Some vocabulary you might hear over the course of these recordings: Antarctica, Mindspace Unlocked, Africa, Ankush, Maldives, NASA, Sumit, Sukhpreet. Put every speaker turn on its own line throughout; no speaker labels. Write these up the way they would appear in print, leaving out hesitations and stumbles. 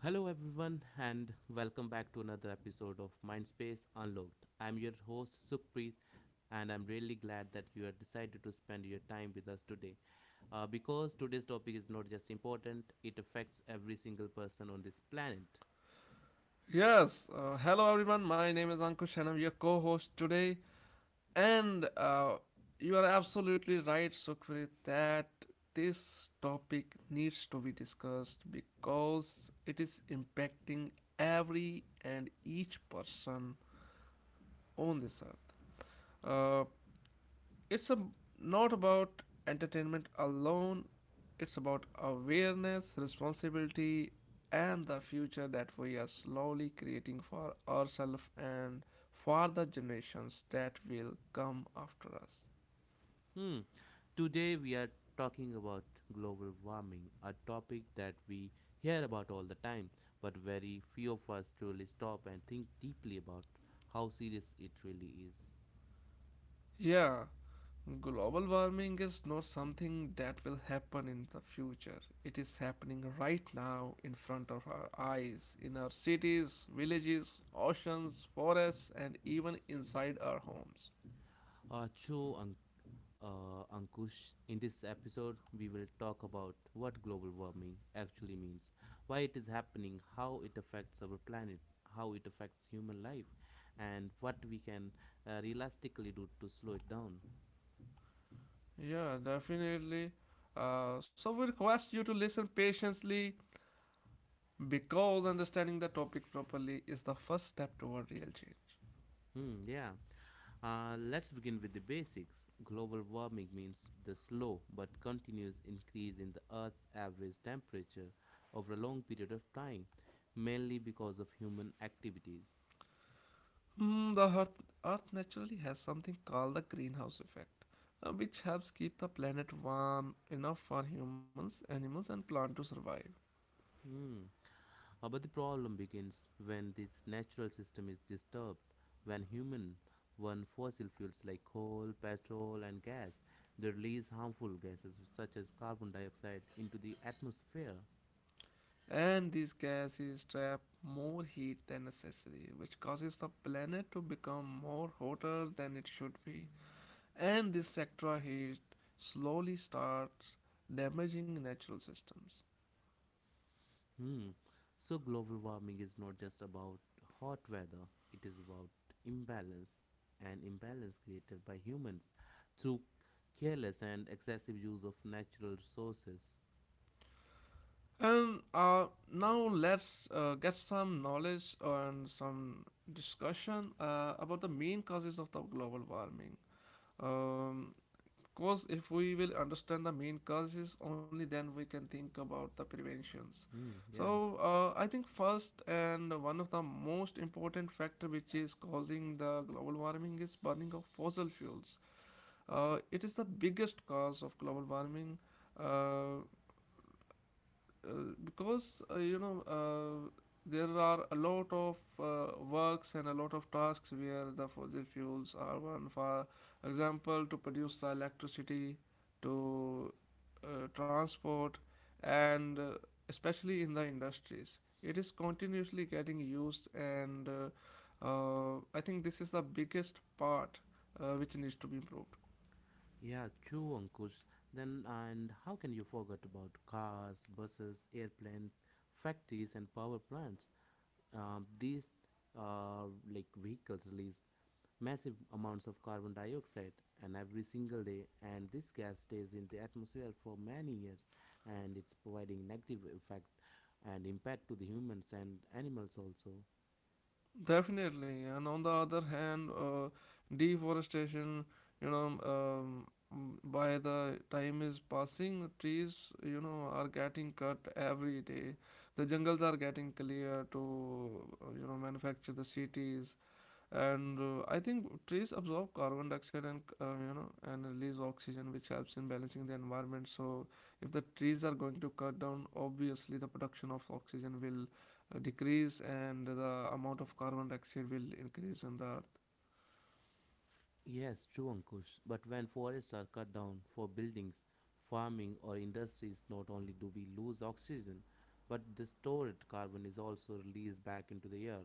Hello, everyone, and welcome back to another episode of Mindspace Unlocked. I'm your host, Sukhpreet, and I'm really glad that you have decided to spend your time with us today. Because today's topic is not just important, it affects every single person on this planet.
Yes, hello everyone. My name is Ankush and I'm your co host today. And you are absolutely right, Sukhpreet, that this topic needs to be discussed because it is impacting every and each person on this earth. Uh, it's a, not about entertainment alone, it's about awareness responsibility and the future that we are slowly creating for ourselves and for the generations that will come after us.
Hmm. Today, we are talking about global warming, a topic that we hear about all the time, but very few of us truly stop and think deeply about how serious it really is.
Yeah, global warming is not something that will happen in the future, it is happening right now in front of our eyes, in our cities, villages, oceans, forests, and even inside our homes.
Acho Ankush. In this episode, we will talk about what global warming actually means, why it is happening, how it affects our planet, how it affects human life, and what we can realistically do to slow it down.
Yeah, definitely. So we request you to listen patiently because understanding the topic properly is the first step toward real change.
Hmm, yeah. Let's begin with the basics. Global warming means the slow but continuous increase in the Earth's average temperature over a long period of time, mainly because of human activities.
Hmm, the earth naturally has something called the greenhouse effect, which helps keep the planet warm enough for humans, animals, and plants to survive.
Hmm. But the problem begins when this natural system is disturbed, when human burn fossil fuels like coal, petrol, and gas. They release harmful gases such as carbon dioxide into the atmosphere.
And these gases trap more heat than necessary, which causes the planet to become more hotter than it should be. And this sector heat slowly starts damaging natural systems.
Hmm. So global warming is not just about hot weather; it is about imbalance, an imbalance created by humans through careless and excessive use of natural resources.
And now let's get some knowledge and some discussion about the main causes of the global warming. Um, cause if we will understand the main causes, only then we can think about the preventions.
Hmm. Yeah.
So I think first and one of the most important factor which is causing the global warming is burning of fossil fuels. It is the biggest cause of global warming, uh, uh, because you know, there are a lot of works and a lot of tasks where the fossil fuels are one. For example, to produce the electricity, to transport, and especially in the industries, is continuously getting used, and I think this is the biggest part which needs to be improved.
Yeah, true, Ankush. Then, and how can you forget about cars, buses, airplanes, factories, and power plants? These uh, like vehicles release massive amounts of carbon dioxide and every single day, and this gas stays in the atmosphere for many years, and it's providing negative effect and impact to the humans and animals also.
Definitely, and on the other hand, deforestation, you know, by the time is passing, trees, you know, are getting cut every day. The jungles are getting clear to, you know, manufacture the cities, and I think trees absorb carbon dioxide and, you know, and release oxygen which helps in balancing the environment. So if the trees are going to cut down, obviously the production of oxygen will decrease and the amount of carbon dioxide will increase in the earth.
Yes, true, Ankush. But when forests are cut down for buildings, farming or industries, not only do we lose oxygen, but the stored carbon is also released back into the air.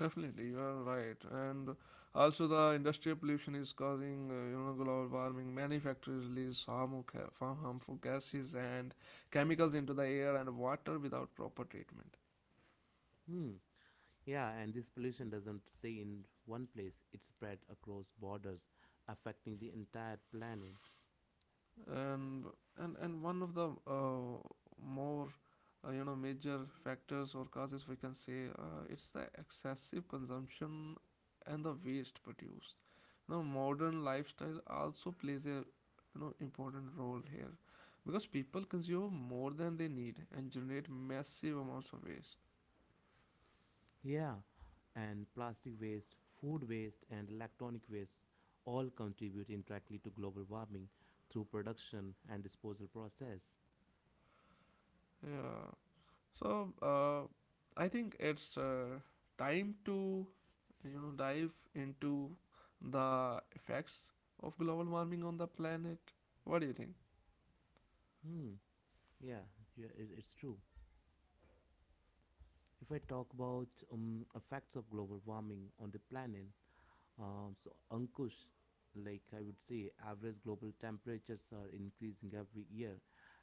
Definitely, you are right, and also the industrial pollution is causing, you know, global warming. Many factories release harmful gases and chemicals into the air and water without proper treatment.
Hmm. Yeah, and this pollution doesn't stay in one place, it spread across borders, affecting the entire planet.
And and and one of the more you know major factors or causes, we can say, it's the excessive consumption and the waste produced. You know, modern lifestyle also plays a, you know, important role here, because people consume more than they need and generate massive amounts of waste.
Yeah, and plastic waste, food waste, and electronic waste all contribute indirectly to global warming through production and disposal process.
Yeah, so I think it's time to, you know, dive into the effects of global warming on the planet. What do you think?
Hmm. Yeah, yeah it's true. If I talk about effects of global warming on the planet, so Ankush, like I would say, average global temperatures are increasing every year,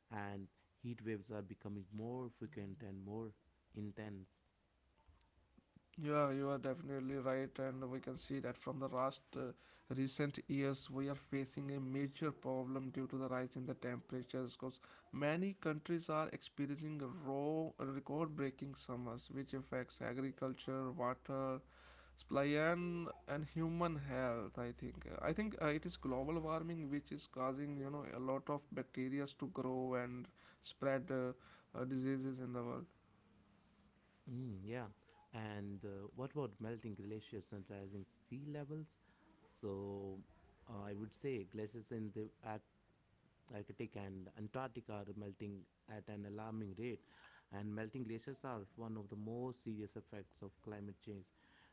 and heat waves are becoming more frequent and more intense.
Yeah, you are definitely right, and we can see that from the last recent years we are facing a major problem due to the rise in the temperatures, because many countries are experiencing raw record breaking summers which affects agriculture, water Splyan, and human health, I think. I think it is global warming which is causing, you know, a lot of bacteria to grow and spread diseases in the world.
Mm, yeah, and what about melting glaciers and rising sea levels? So I would say glaciers in the Arctic and Antarctic are melting at an alarming rate, and melting glaciers are one of the most serious effects of climate change.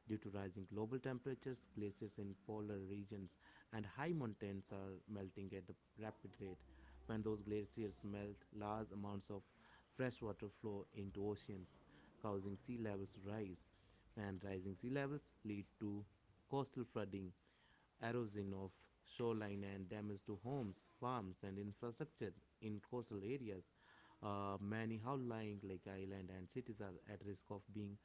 Due to rising global temperatures, glaciers in polar regions and high mountains are melting at a rapid rate. When those glaciers melt, large amounts of fresh water flow into oceans, causing sea levels to rise, and rising sea levels lead to coastal flooding, erosion of shoreline, and damage to homes, farms, and infrastructure in coastal areas. Many outlying like island and cities are at risk of being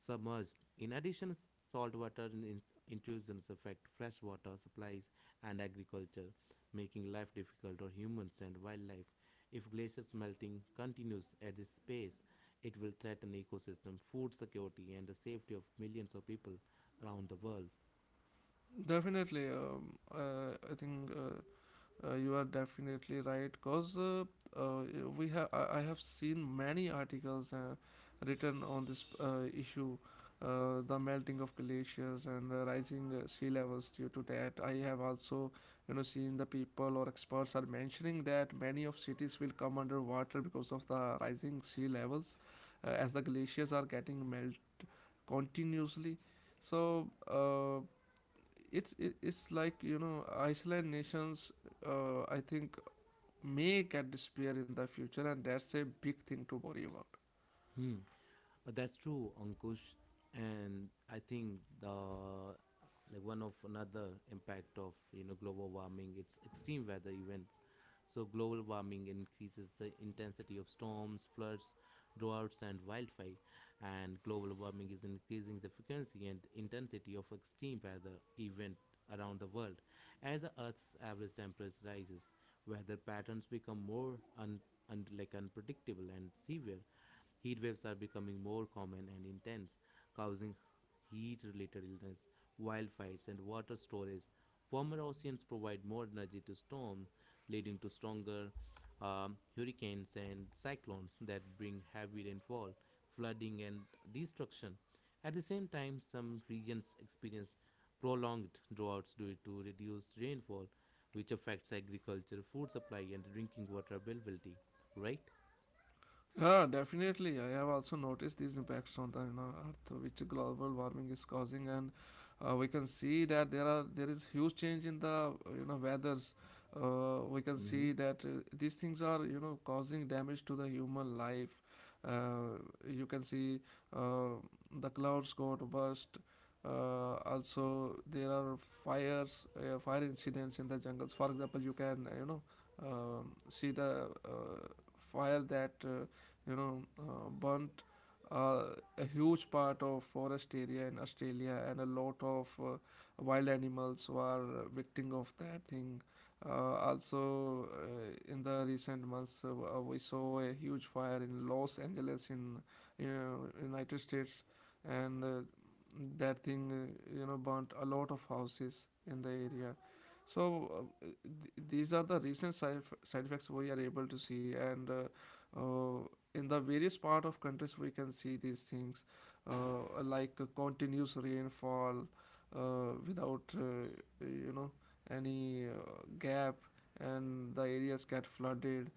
submerged. In addition, saltwater intrusions affect freshwater supplies and agriculture, making life difficult for humans and wildlife. If glaciers melting continues at this pace, it will threaten ecosystem, food security, and the safety of millions of people around the world.
Definitely, I think you are definitely right, because uh, we have I have seen many articles written on this issue, the melting of glaciers and rising sea levels due to that. I have also, you know, seen the people or experts are mentioning that many of cities will come under water because of the rising sea levels, as the glaciers are getting melt continuously. So it's like, you know, Iceland nations, I think, may get despair in the future, and that's a big thing to worry about.
Hmm. But that's true, Ankush. And I think the like one of another impact of you know global warming, it's extreme weather events. So global warming increases the intensity of storms, floods, droughts and wildfire, and global warming is increasing the frequency and intensity of extreme weather events around the world. As the Earth's average temperature rises, weather patterns become more like unpredictable and severe. Heat waves are becoming more common and intense, causing heat related illness, wildfires, and water storage. Warmer oceans provide more energy to storms, leading to stronger hurricanes and cyclones that bring heavy rainfall, flooding, and destruction. At the same time, some regions experience prolonged droughts due to reduced rainfall, which affects agriculture, food supply, and drinking water availability. Right?
Yeah, definitely. I have also noticed these impacts on the, you know, Earth, which global warming is causing, and we can see that there is huge change in the, you know, weathers. We can
Mm-hmm.
see that these things are, you know, causing damage to the human life. Uh, you can see uh, the clouds got burst. Also, there are fire incidents in the jungles. For example, you can, you know, see the fire that, you know, burnt uh, a huge part of forest area in Australia, and a lot of wild animals were victim of that thing. Also, in the recent months, we saw a huge fire in Los Angeles in, you know, United States, and that thing, you know, burnt a lot of houses in the area. So these are the recent side effects we are able to see, and in the various part of countries we can see these things, like continuous rainfall without, you know, any gap, and the areas get flooded,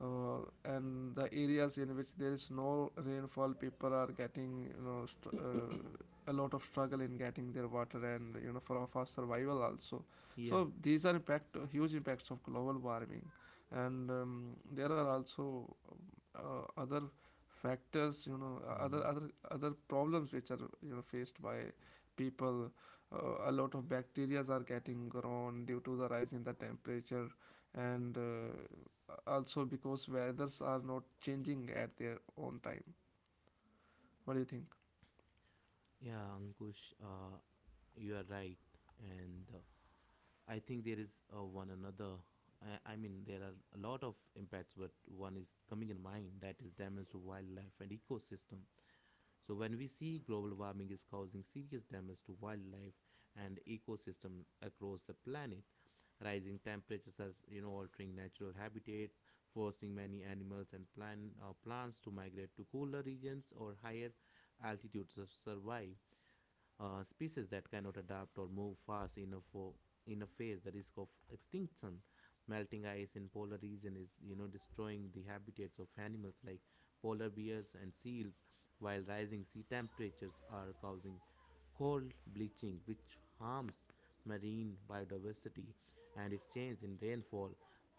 uh, and the areas in which there is no rainfall, people are getting, you know, a lot of struggle in getting their water and, you know, for survival also.
Yeah.
So these are impact huge impacts of global warming, and there are also other factors, you know,
Hmm.
other problems which are, you know, faced by people. A lot of bacterias are getting grown due to the rise in the temperature, and also because weathers are not changing at their own time. What do you think?
Yeah, Ankush. You are right, and I think there is one another. I mean, there are a lot of impacts, but one is coming in mind that is damage to wildlife and ecosystem. So when we see global warming is causing serious damage to wildlife and ecosystem across the planet, rising temperatures are you know altering natural habitats, forcing many animals and plants to migrate to cooler regions or higher altitudes to survive, species that cannot adapt or move fast enough for in a phase the risk of extinction. Melting ice in polar region is you know destroying the habitats of animals like polar bears and seals, while rising sea temperatures are causing coral bleaching which harms marine biodiversity, and its change in rainfall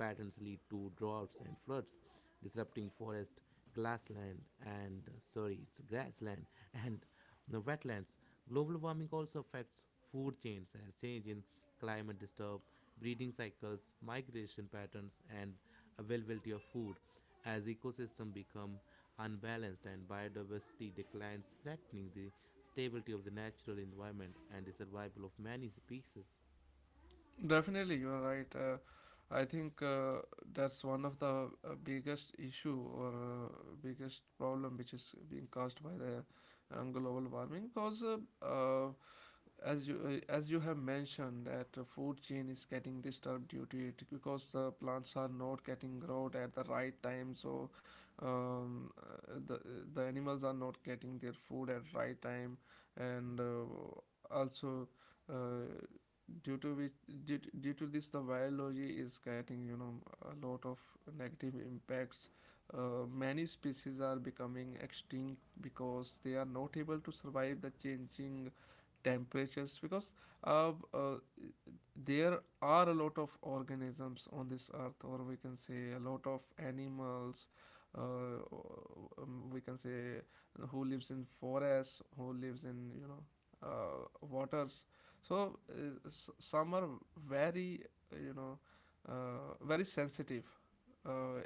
patterns lead to droughts and floods, disrupting forest grassland and sorry it's grassland and the wetlands. Global warming also affects food chains as change in climate disturb breeding cycles, migration patterns, and availability of food. As ecosystems become unbalanced and biodiversity declines, threatening the stability of the natural environment and the survival of many species.
Definitely, you are right, I think, that's one of the biggest issue or biggest problem which is being caused by the global warming, because uh, uh, as you have mentioned, that the food chain is getting disturbed due to it, because the plants are not getting growed at the right time. So the the animals are not getting their food at right time, and also uh, due to which, due to this the biology is getting, you know, a lot of negative impacts. Many species are becoming extinct because they are not able to survive the changing temperatures, because uh, uh, there are a lot of organisms on this earth, or we can say, a lot of animals, uh, we can say, who lives in forests, who lives in, you know, waters. So some are very, you know, very sensitive, uh, uh,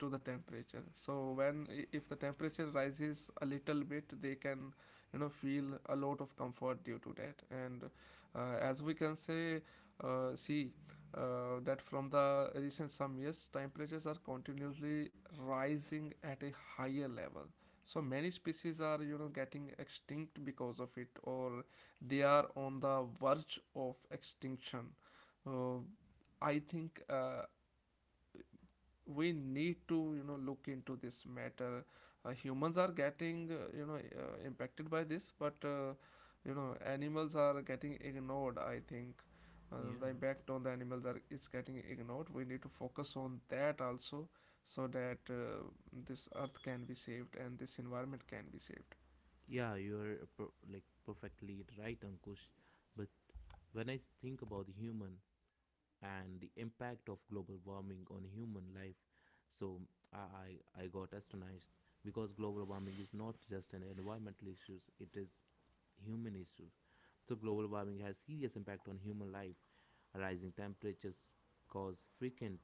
to the temperature. So if the temperature rises a little bit, they can, you know, feel a lot of comfort due to that. And as we can say, see, that from the recent some years, temperatures are continuously rising at a higher level. So many species are, you know, getting extinct because of it, or they are on the verge of extinction. Uh, I think we need to, you know, look into this matter. Humans are getting, you know, impacted by this, but, you know, animals are getting ignored, I think. uh, the
Yeah.
impact on the animals are is getting ignored. We need to focus on that also, so that this earth can be saved and this environment can be saved.
Yeah, you're like perfectly right, Ankush. But when I think about the human, and the impact of global warming on human life. So I got astonished because global warming is not just an environmental issue; it is human issue. So global warming has serious impact on human life. Rising temperatures cause frequent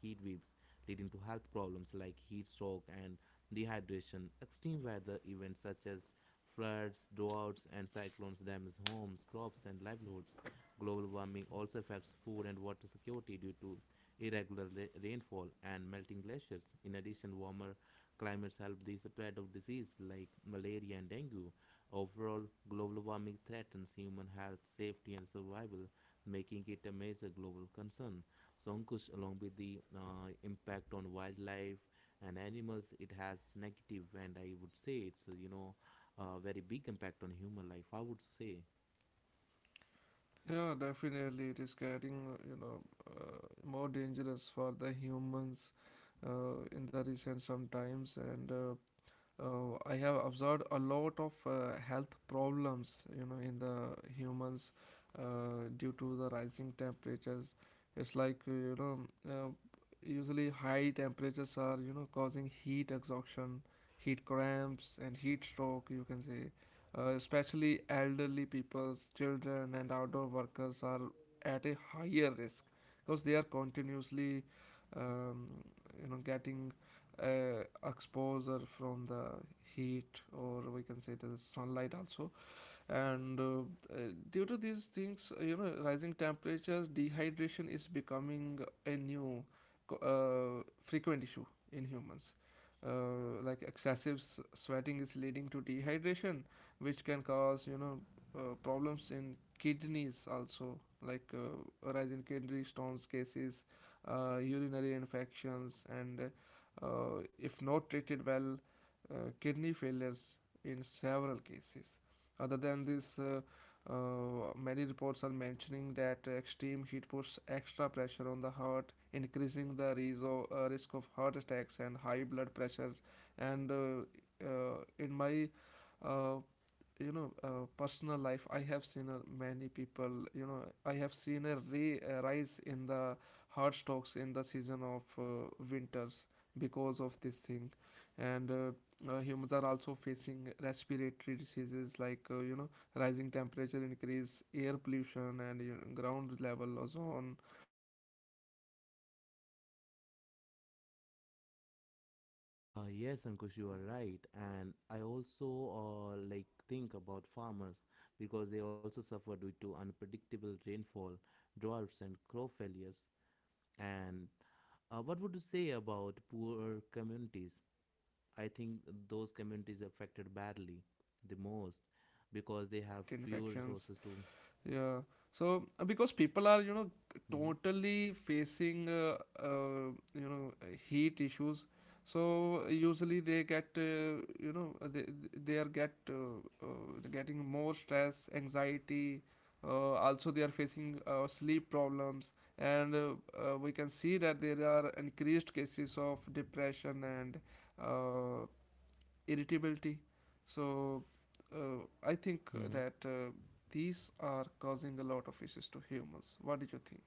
heat waves, leading to health problems like heat stroke and dehydration. Extreme weather events such as floods, droughts, and cyclones damage homes, crops, and livelihoods. Global warming also affects food and water security due to irregular rainfall and melting glaciers. In addition, warmer climates help the spread of disease like malaria and dengue. Overall, global warming threatens human health, safety, and survival, making it a major global concern. So, Ankush, along with the impact on wildlife and animals, it has negative, and I would say it's you know a very big impact on human life, I would say.
Yeah, definitely, it is getting, you know, more dangerous for the humans in the recent sometimes, and I have observed a lot of health problems, you know, in the humans due to the rising temperatures. It's like, you know, uh, usually high temperatures are, you know, causing heat exhaustion, heat cramps, and heat stroke. You can say, especially elderly people, children, and outdoor workers are at a higher risk, because they are continuously, um, you know, getting exposure from the heat, or we can say the sunlight also, and due to these things, you know, rising temperatures, dehydration is becoming a new frequent issue in humans. Like excessive sweating is leading to dehydration, which can cause, you know, problems in kidneys also, like rise in kidney stones cases, urinary infections, and if not treated well, kidney failures in several cases. Other than this, many reports are mentioning that extreme heat puts extra pressure on the heart, increasing the risk of heart attacks and high blood pressures. And In my uh, personal life, I have seen many people. I have seen a rise in the hard stocks in the season of winters because of this thing. And humans are also facing respiratory diseases like rising temperature increase air pollution and ground level ozone. uh, these are things are worsening asthma, bronchitis, and other lung diseases.
Yes, Ankush, you are
Needs to
right,
focus on
and I also
spread
like
of
think about
infectious
farmers
diseases also
because they also
seen
suffer due to
because warm
unpredictable
climate
rainfall,
help mosquitoes
droughts,
and
and crop
bacteria grow
failures.
faster, leading to
And
diseases like
what would you say
dengue,
about
dengue,
poor
malaria,
communities?
chikungunya,
I think
and
those
also
communities
heart
affected
related
badly
your,
the
or
most because
heat
they have
related
few
infections.
resources to.
Yeah. So because people are
Mm-hmm.
totally facing heat issues, so usually they get they are uh, getting more stress, anxiety. Also, they are facing sleep problems, and we can see that there are increased cases of depression and uh, irritability. So I think
Mm-hmm.
that these are causing a lot of issues to humans. What do you think?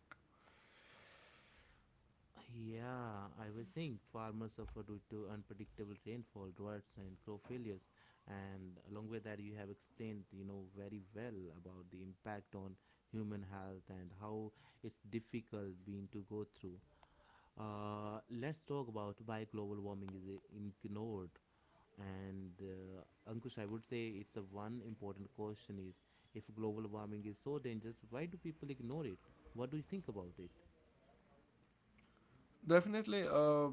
Yeah, I was saying farmers suffer due to unpredictable rainfall, droughts, and crop failures. And along with that, you have explained, you know, very well about the impact on human health and how it's difficult being to go through. Let's talk about why global warming is ignored. And Ankush, I would say it's a one important question is if global warming is so dangerous, why do people ignore it? What do you think about it?
Definitely,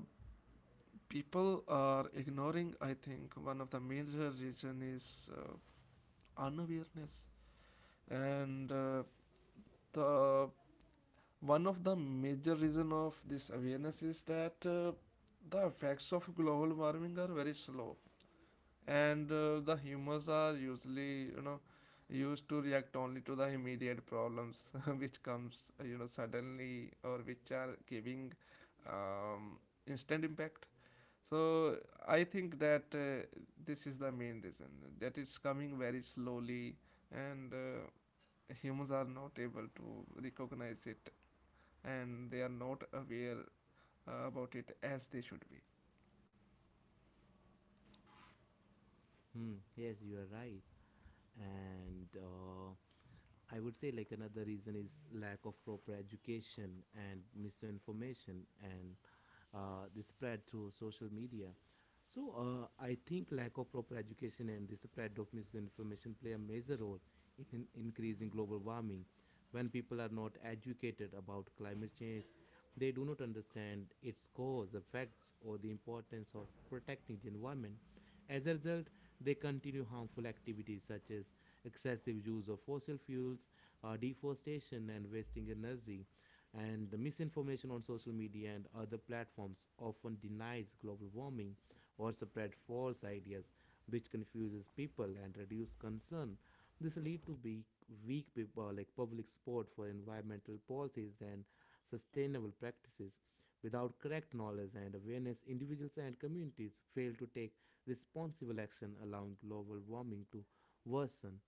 people are ignoring. I think one of the major reason is unawareness, and the one of the major reason of this awareness is that the effects of global warming are very slow, and the humans are usually used to react only to the immediate problems which comes suddenly, or which are giving um, instant impact. So I think that this is the main reason that it's coming very slowly, and humans are not able to recognize it, and they are not aware about it as they should be.
Hmm. Yes, you are right. And I would say like another reason is lack of proper education and misinformation and the spread through social media. So I think lack of proper education and the spread of misinformation play a major role in an increasing global warming. When people are not educated about climate change, they do not understand its cause, effects, or the importance of protecting the environment. As a result, they continue harmful activities such as excessive use of fossil fuels, deforestation, and wasting energy. And the misinformation on social media and other platforms often denies global warming or spread false ideas, which confuses people and reduces concern. This lead to weak people like public support for environmental policies and sustainable practices. Without correct knowledge and awareness, individuals and communities fail to take responsible action, allowing global warming to worsen.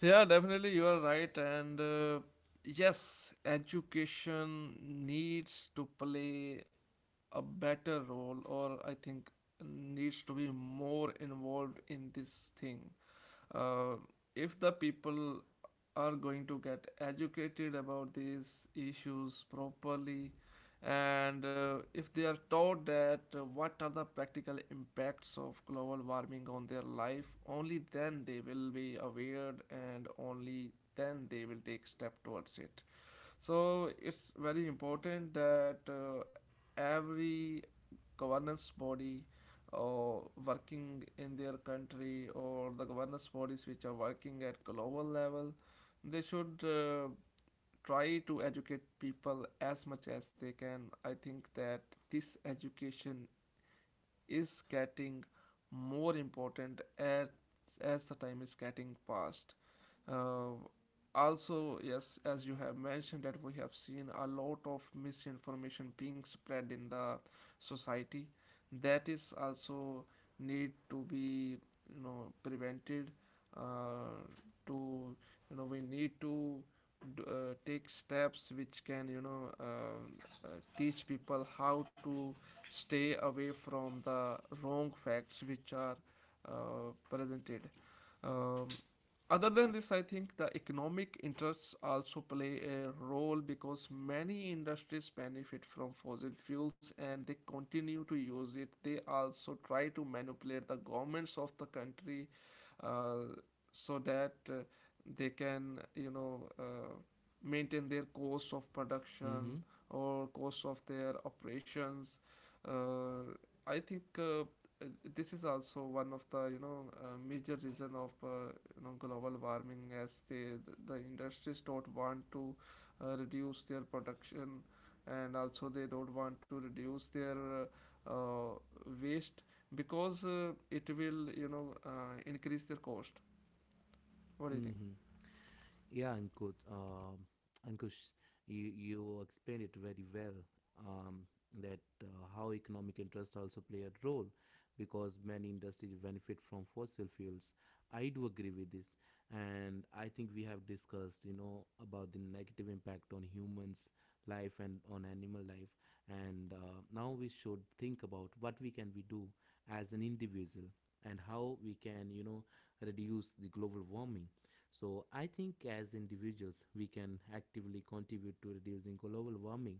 Yeah, definitely, you are right. And yes, education needs to play a better role, or I think needs to be more involved in this thing. uh, if the people are going to get educated about these issues properly, and if they are taught that what are the practical impacts of global warming on their life, only then they will be aware, and only then they will take step towards it. So it's very important that every governance body or working in their country, or the governance bodies which are working at global level, they should try to educate people as much as they can. I think that this education is getting more important as the time is getting past. Uh, Also, yes, as you have mentioned, that we have seen a lot of misinformation being spread in the society. That is also need to be prevented. Uh, to you know We need to take steps which can uh, teach people how to stay away from the wrong facts which are presented. um, Other than this, I think the economic interests also play a role, because many industries benefit from fossil fuels and they continue to use it. They also try to manipulate the governments of the country. uh, so that they can maintain their cost of
Mm-hmm.
production or cost of their operations. uh, I think this is also one of the major reason of global warming, as the industries don't want to reduce their production, and also they don't want to reduce their uh, uh, waste, because it will increase their cost. What do you think?
Mm-hmm. Yeah, Ankush, you explained it very well. Um, that how economic interests also play a role, because many industries benefit from fossil fuels. I do agree with this, and I think we have discussed, you know, about the negative impact on humans' life and on animal life. And now we should think about what we can we do as an individual and how we can, you know, reduce the global warming. So I think as individuals, we can actively contribute to reducing global warming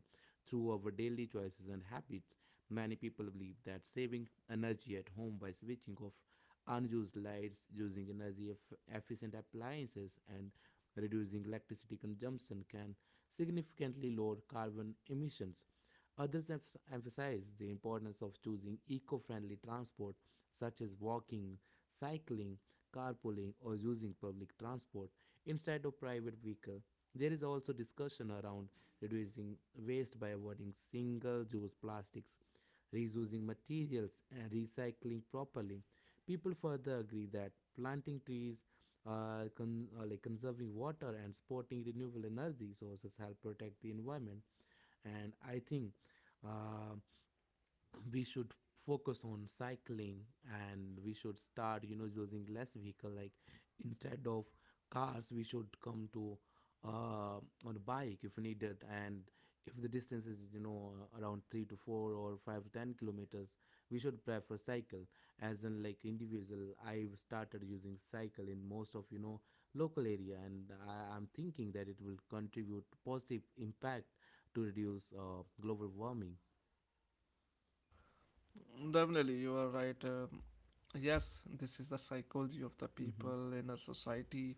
through our daily choices and habits. Many people believe that saving energy at home by switching off unused lights, using energy efficient appliances, and reducing electricity consumption can significantly lower carbon emissions. Others emphasize the importance of choosing eco friendly transport such as walking, cycling, carpooling, or using public transport instead of private vehicle. There is also discussion around reducing waste by avoiding single use plastics, reusing materials, and recycling properly. People further agree that planting trees, like conserving water, and supporting renewable energy sources help protect the environment. And I think, uh, we should focus on cycling. And we should start using less vehicle, like, instead of cars we should come to, uh, on bike if needed. And if the distance is around 3 to 4 or 5 to 10 kilometers we should prefer cycle. As in, like, individual, I've started using cycle in most of, local area, and I'm thinking that it will contribute positive impact to reduce, global warming.
Definitely, you are right. Yes, this is the psychology of the
Hmm.
people in our society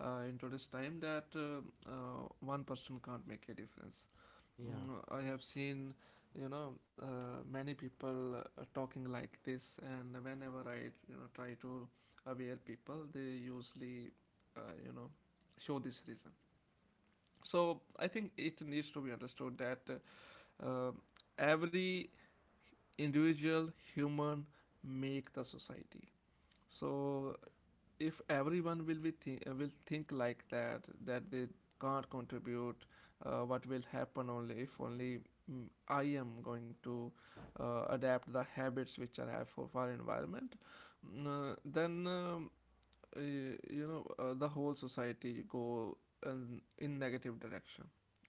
in today's time, that one person can't make a difference.
Yeah.
I have seen, many people talking like this, and whenever I, try to aware people, they usually, uh, you know, show this reason. So I think it needs to be understood that uh, every individual human make the society. So if everyone will be will think like that, that they can't contribute, what will happen. Only if only, I am going to adapt the habits which I have for our environment, then the whole society go in negative direction.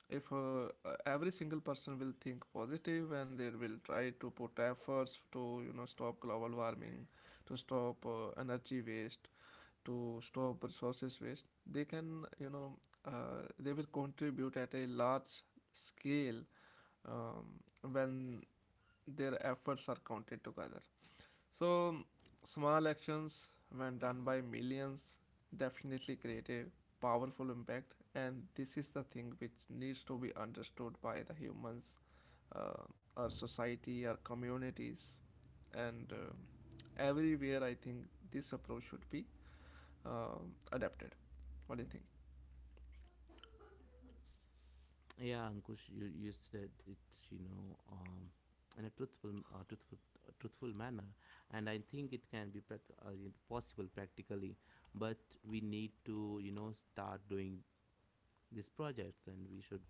If every single person will think positive and they will try to put efforts to stop global warming, to stop energy waste, to stop resources waste, they can you know they will contribute at a large scale um, when their efforts are counted together. So, small actions, when done by millions, definitely create a powerful impact, and this is the thing which needs to be understood by the humans, uh, our society, our communities, and everywhere. I think this approach should be adapted. What do you think?
Yeah, Ankush, you said it, you know, um, in a uh, truthful, truthful manner, and I think it can be possible practically, but we need to, start doing these projects and we should,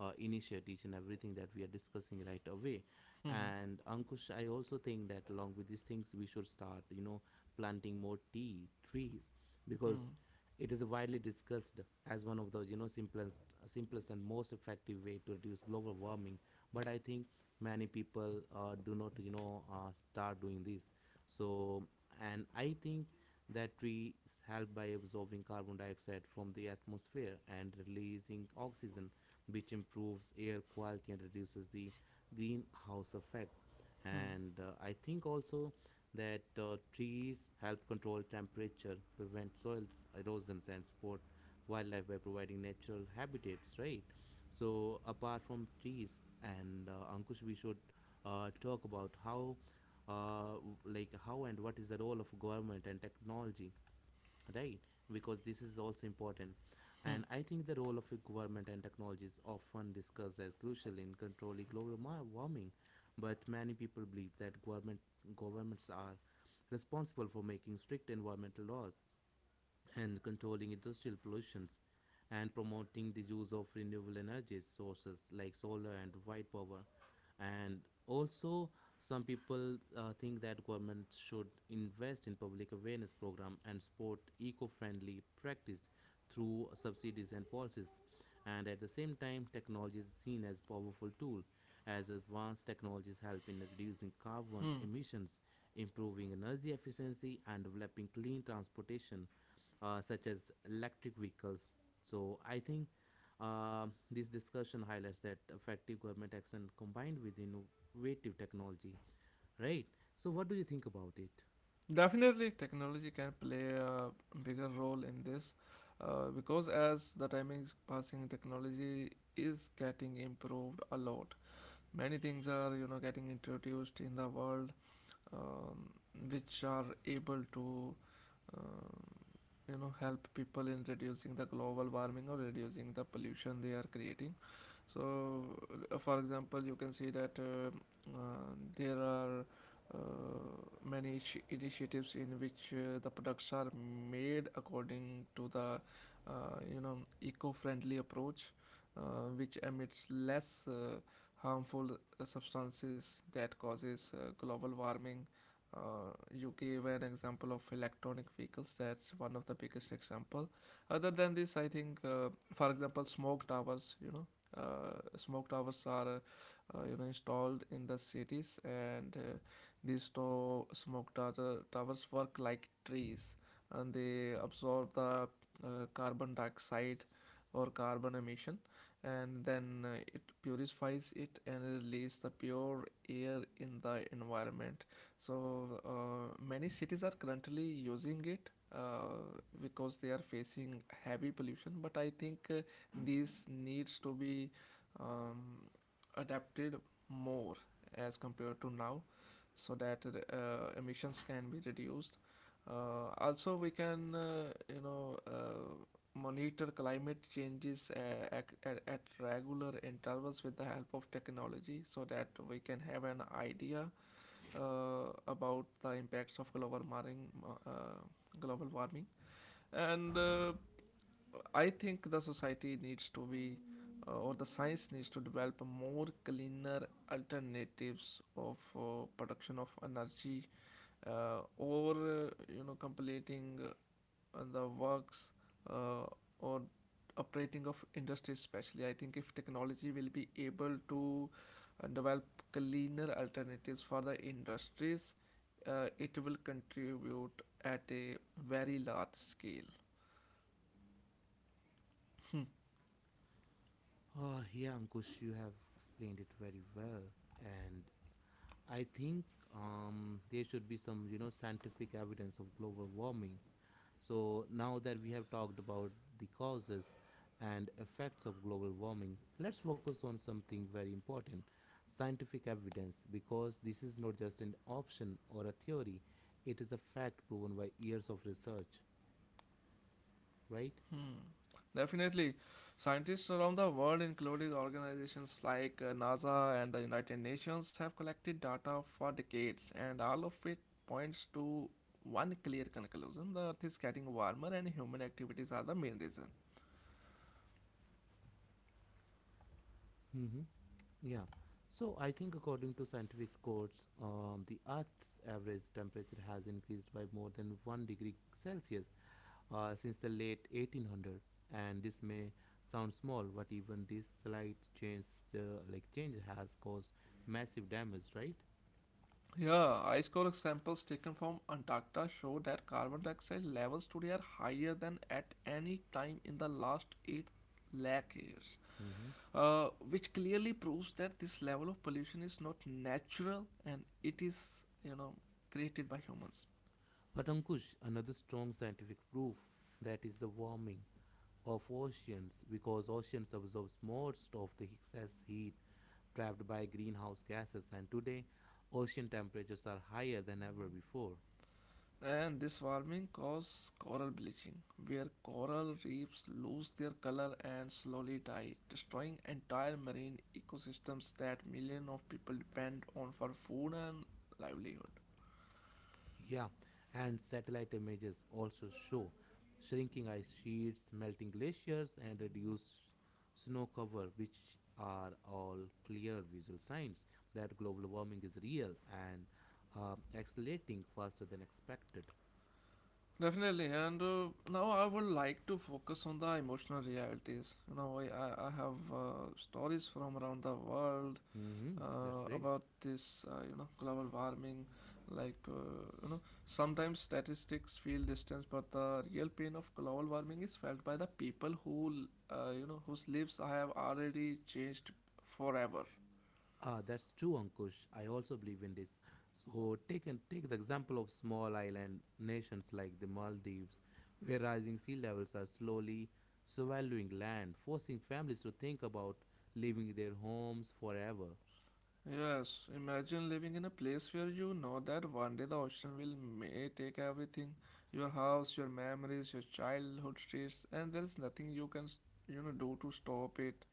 initiate each and everything that we are discussing right away.
Hmm.
And Ankush, I also think that along with these things we should start planting more tea trees, because
Hmm.
it is widely discussed as one of the, simplest, and most effective way to reduce global warming. But I think many people, do not, start doing this. So, and I think that trees help by absorbing carbon dioxide from the atmosphere and releasing oxygen, which improves air quality and reduces the greenhouse effect.
Hmm. Hmm.
And, I think also that, trees help control temperature, prevent soil erosions, and support wildlife by providing natural habitats, right? So, apart from trees, and, Ankush, we should, talk about how, uh, like how and what is the role of government and technology, right? Because this is also important.
Hmm.
And I think the role of government and technology is often discussed as crucial in controlling global warming, but many people believe that governments are responsible for making strict environmental laws and controlling industrial pollution and promoting the use of renewable energy sources like solar and white power. And also some people, think that government should invest in public awareness program and support eco-friendly practice through subsidies and policies. And at the same time technology is seen as powerful tool, as advanced technologies help in reducing carbon
Hmm.
emissions, improving energy efficiency and developing clean transportation, such as electric vehicles. So I think, this discussion highlights that effective government action combined with innovative technology, right? So what do you think about it?
Definitely, technology can play a bigger role in this, because as the time is passing, technology is getting improved a lot. Many things are, getting introduced in the world, um, which are able to, uh, help people in reducing the global warming or reducing the pollution they are creating. So for example, you can see that uh, there are uh, many initiatives in which the products are made according to the uh, eco-friendly approach, which emits less harmful substances that causes global warming. You gave an example of electronic vehicles. That's one of the biggest example. Other than this, I think for example smoke towers are installed in the cities, and these towers work like trees, and they absorb the carbon dioxide or carbon emission, and then it purifies it and release the pure air in the environment. So many cities are currently using it, because they are facing heavy pollution. But I think these needs to be um, adapted more as compared to now, so that emissions can be reduced. Also we can monitor climate changes at regular intervals with the help of technology, so that we can have an idea about the impacts of global warming. uh, global warming and I think the society needs to be, or the science needs to develop a more cleaner alternatives of production of energy, or completing the works, uh, or operating of industries. Especially, I think if technology will be able to develop cleaner alternatives for the industries, it will contribute at a very large scale.
Oh, yeah, Ankush, you have explained it very well, and I think, there should be scientific evidence of global warming. So, now that we have talked about the causes and effects of global warming, let's focus on something very important: scientific evidence, because this is not just an option or a theory, it is a fact proven by years of research, right?
Hmm. Definitely. Scientists around the world, including organizations like NASA and the United Nations, have collected data for decades, and all of it points to one clear conclusion: the Earth is getting warmer, and human activities are the main reason.
Mm-hmm. Yeah. So, I think according to scientific records, the Earth's average temperature has increased by more than 1 degree Celsius, since the late 1800s, and this may sound small but even this slight change, uh, like change has caused massive damage, right?
Yeah, ice core samples taken from Antarctica show that carbon dioxide levels today are higher than at any time in the last 8 lakh years,
Mm-hmm.
which clearly proves that this level of pollution is not natural, and it is, you know, created by humans.
But Ankush, another strong scientific proof, that is the warming of oceans, because oceans absorbs most of the excess heat trapped by greenhouse gases, and today ocean temperatures are higher than ever before.
And this warming causes coral bleaching, where coral reefs lose their color and slowly die, destroying entire marine ecosystems that millions of people depend on for food and livelihood.
Yeah, and satellite images also show shrinking ice sheets, melting glaciers, and reduced snow cover, which are all clear visual signs that global warming is real and, accelerating faster than expected.
Definitely, and now I would like to focus on the emotional realities. You know, I have stories from around the world
Hmm. That's great.
about this, global warming. Like, sometimes statistics feel distance, but the real pain of global warming is felt by the people who, whose lives I have already changed forever.
Ah, that's true, Ankush. I also believe in this. So take and take the example of small island nations like the Maldives, where rising sea levels are slowly swallowing land, forcing families to think about leaving their homes forever.
Yes, imagine living in a place where you know that one day the ocean will may take everything, your house, your memories, your childhood streets, and there is nothing you can, do to stop it.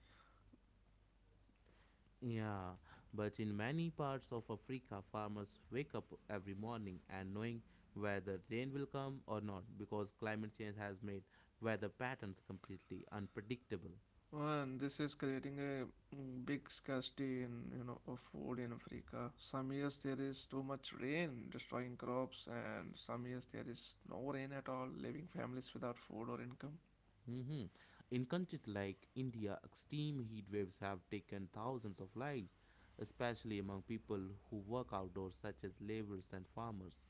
Yeah, but in many parts of Africa, farmers wake up every morning and knowing whether rain will come or not because climate change has made weather patterns completely unpredictable.
And this is creating a big scarcity in, of food in Africa. Some years there is too much rain destroying crops, and some years there is no rain at all, leaving families without food or income.
Hmm. In countries like India, extreme heat waves have taken thousands of lives, especially among people who work outdoors, such as laborers and farmers.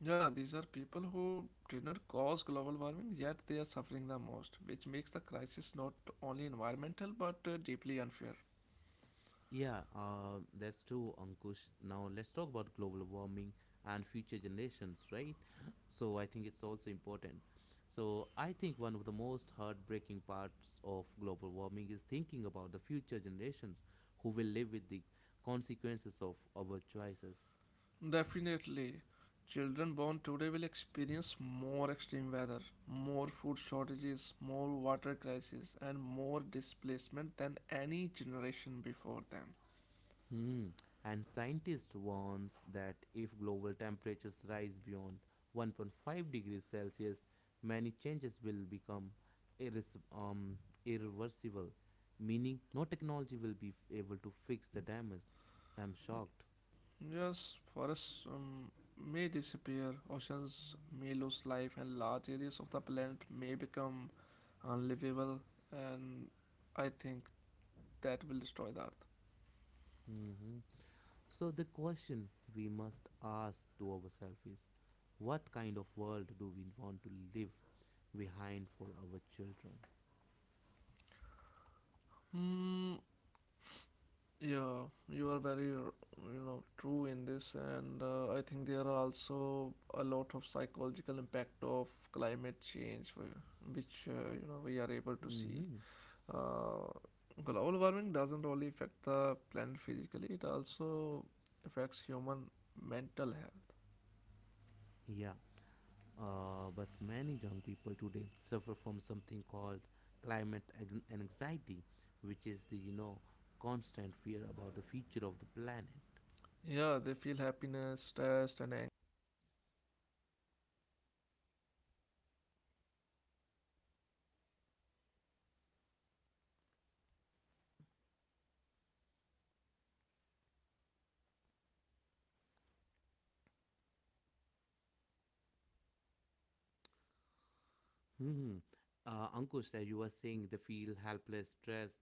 Yeah, these are people who did not cause global warming, yet they are suffering the most, which makes the crisis not only environmental but deeply unfair.
Yeah, that's true, Ankush. Now let's talk about global warming and future generations, right? So I think it's also important. So I think one of the most heartbreaking parts of global warming is thinking about the future generations who will live with the consequences of our choices.
Definitely, children born today will experience more extreme weather, more food shortages, more water crisis, and more displacement than any generation before them.
Hmm. And scientists warns that if global temperatures rise beyond 1.5 degrees Celsius, many changes will become irres- um, irreversible, meaning no technology will be able to fix the damage. I am shocked.
Yes, forests may disappear, oceans may lose life, and large areas of the planet may become unlivable. And I think that will destroy the Earth.
Hmm. So the question we must ask to ourselves is, what kind of world do we want to leave behind for our children?
Hmm. Yeah, you are very, true in this, and I think there are also a lot of psychological impact of climate change, which we are able to see.
Mm-hmm.
Uh, Global warming doesn't only affect the planet physically, it also affects human mental health.
Yeah. But many young people today suffer from something called climate anxiety, which is the, constant fear about the future of the planet.
Yeah, they feel happiness, stressed, and angry because they see a crisis unfolding, while many leaders still delay action.
Hmm. Ankush, as you were saying, they feel helpless, stressed,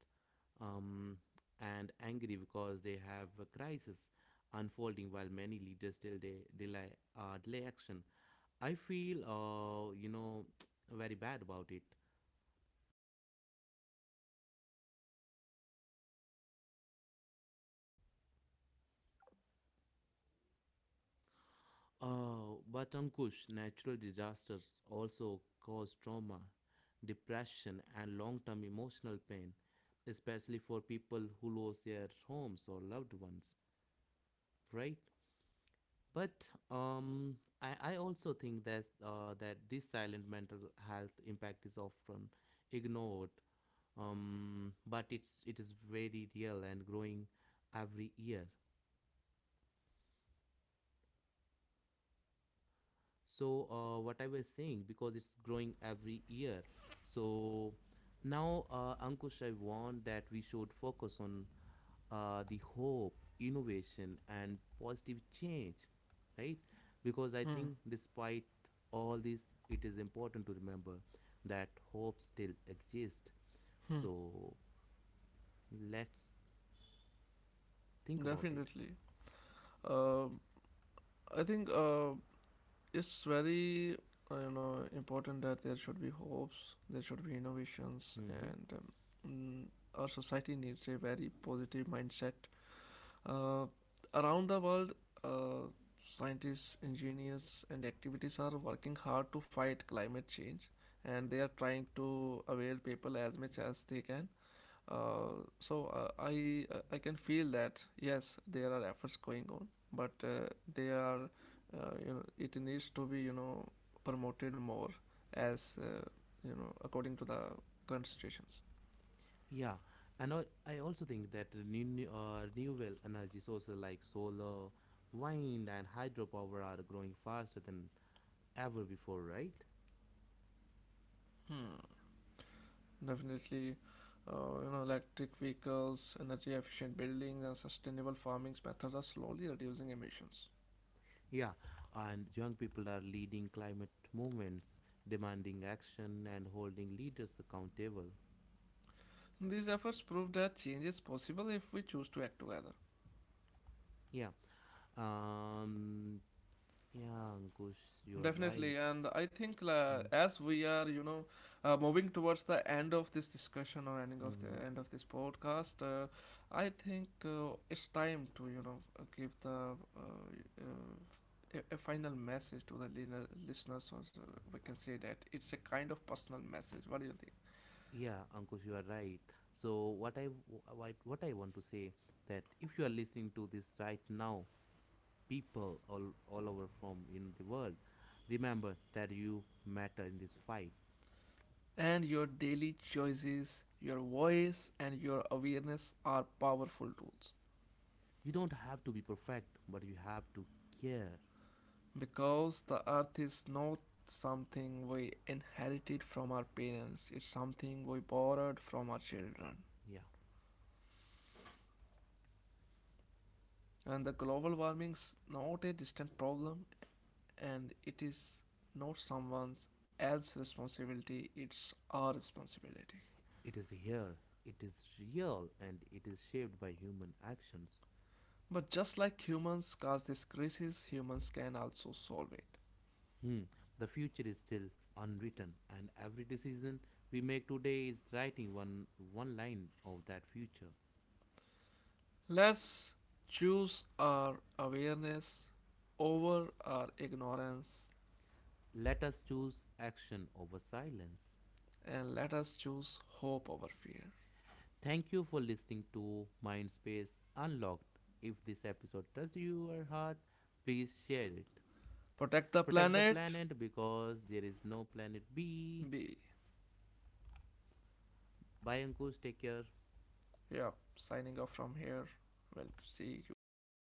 um, and angry because they have a crisis unfolding, while many leaders still they delay action. I feel, very bad about it. But Ankush, natural disasters also cause trauma, depression, and long term emotional pain, especially for people who lose their homes or loved ones, right? But, I also think that, that this silent mental health impact is often ignored, but it is very real and growing every year. So, what I was saying, because it's growing every year. So now, Ankush, I want that we should focus on, the hope, innovation and positive change, right? Because I
Hmm.
think despite all this it is important to remember that hope still exists.
Hmm.
So let's think about it.
Definitely. Um, I think it's very important that there should be hopes, there should be innovations,
Hmm.
and mm, our society needs a very positive mindset. Uh, Around the world, uh, scientists, engineers, and activities are working hard to fight climate change, and they are trying to avail people as much as they can. So I can feel that yes, there are efforts going on, but they are it needs to be promoted more as according to the current situations.
Yeah, and I also think that renewable energy sources like solar, wind, and hydropower are growing faster than ever before, right?
Hmm. Definitely, electric vehicles, energy efficient buildings, and sustainable farming methods are slowly reducing emissions.
Yeah, and young people are leading climate movements, demanding action, and holding leaders accountable.
These efforts prove that change is possible if we choose to act together.
Yeah, um, yeah, Ankush, you are
Definitely,
right.
and I think as we are, moving towards the end of this discussion, or ending of the
Mm-hmm.
end of this podcast, I think it's time to, give the a final message to the listeners. Or so we can say that it's a kind of personal message. What do you think?
Yeah, Ankush, you are right. So what I want to say, that if you are listening to this right now, people all over from in the world. Remember that you matter in this fight.
And your daily choices, your voice, and your awareness are powerful tools.
You don't have to be perfect, but you have to care.
Because the earth is not something we inherited from our parents, it's something we borrowed from our children.
Yeah,
And the global warming's not a distant problem, and it is not someone's else's responsibility, it's our responsibility.
it is here, it is real, and it is shaped by human actions.
But just like humans cause this crisis, humans can also solve it.
Hmm. The future is still unwritten, and every decision we make today is writing one line of that future.
Let's choose our awareness over our ignorance,
Let us choose action over silence.
and let us choose hope over fear.
Thank you for listening to Mindspace Unlocked. If this episode touched your heart, please share it.
Protect the
Protect the
planet.
planet because there is no planet B.
B.
Bye, Ankush. Take care.
Yeah, signing off from here. We'll see you later.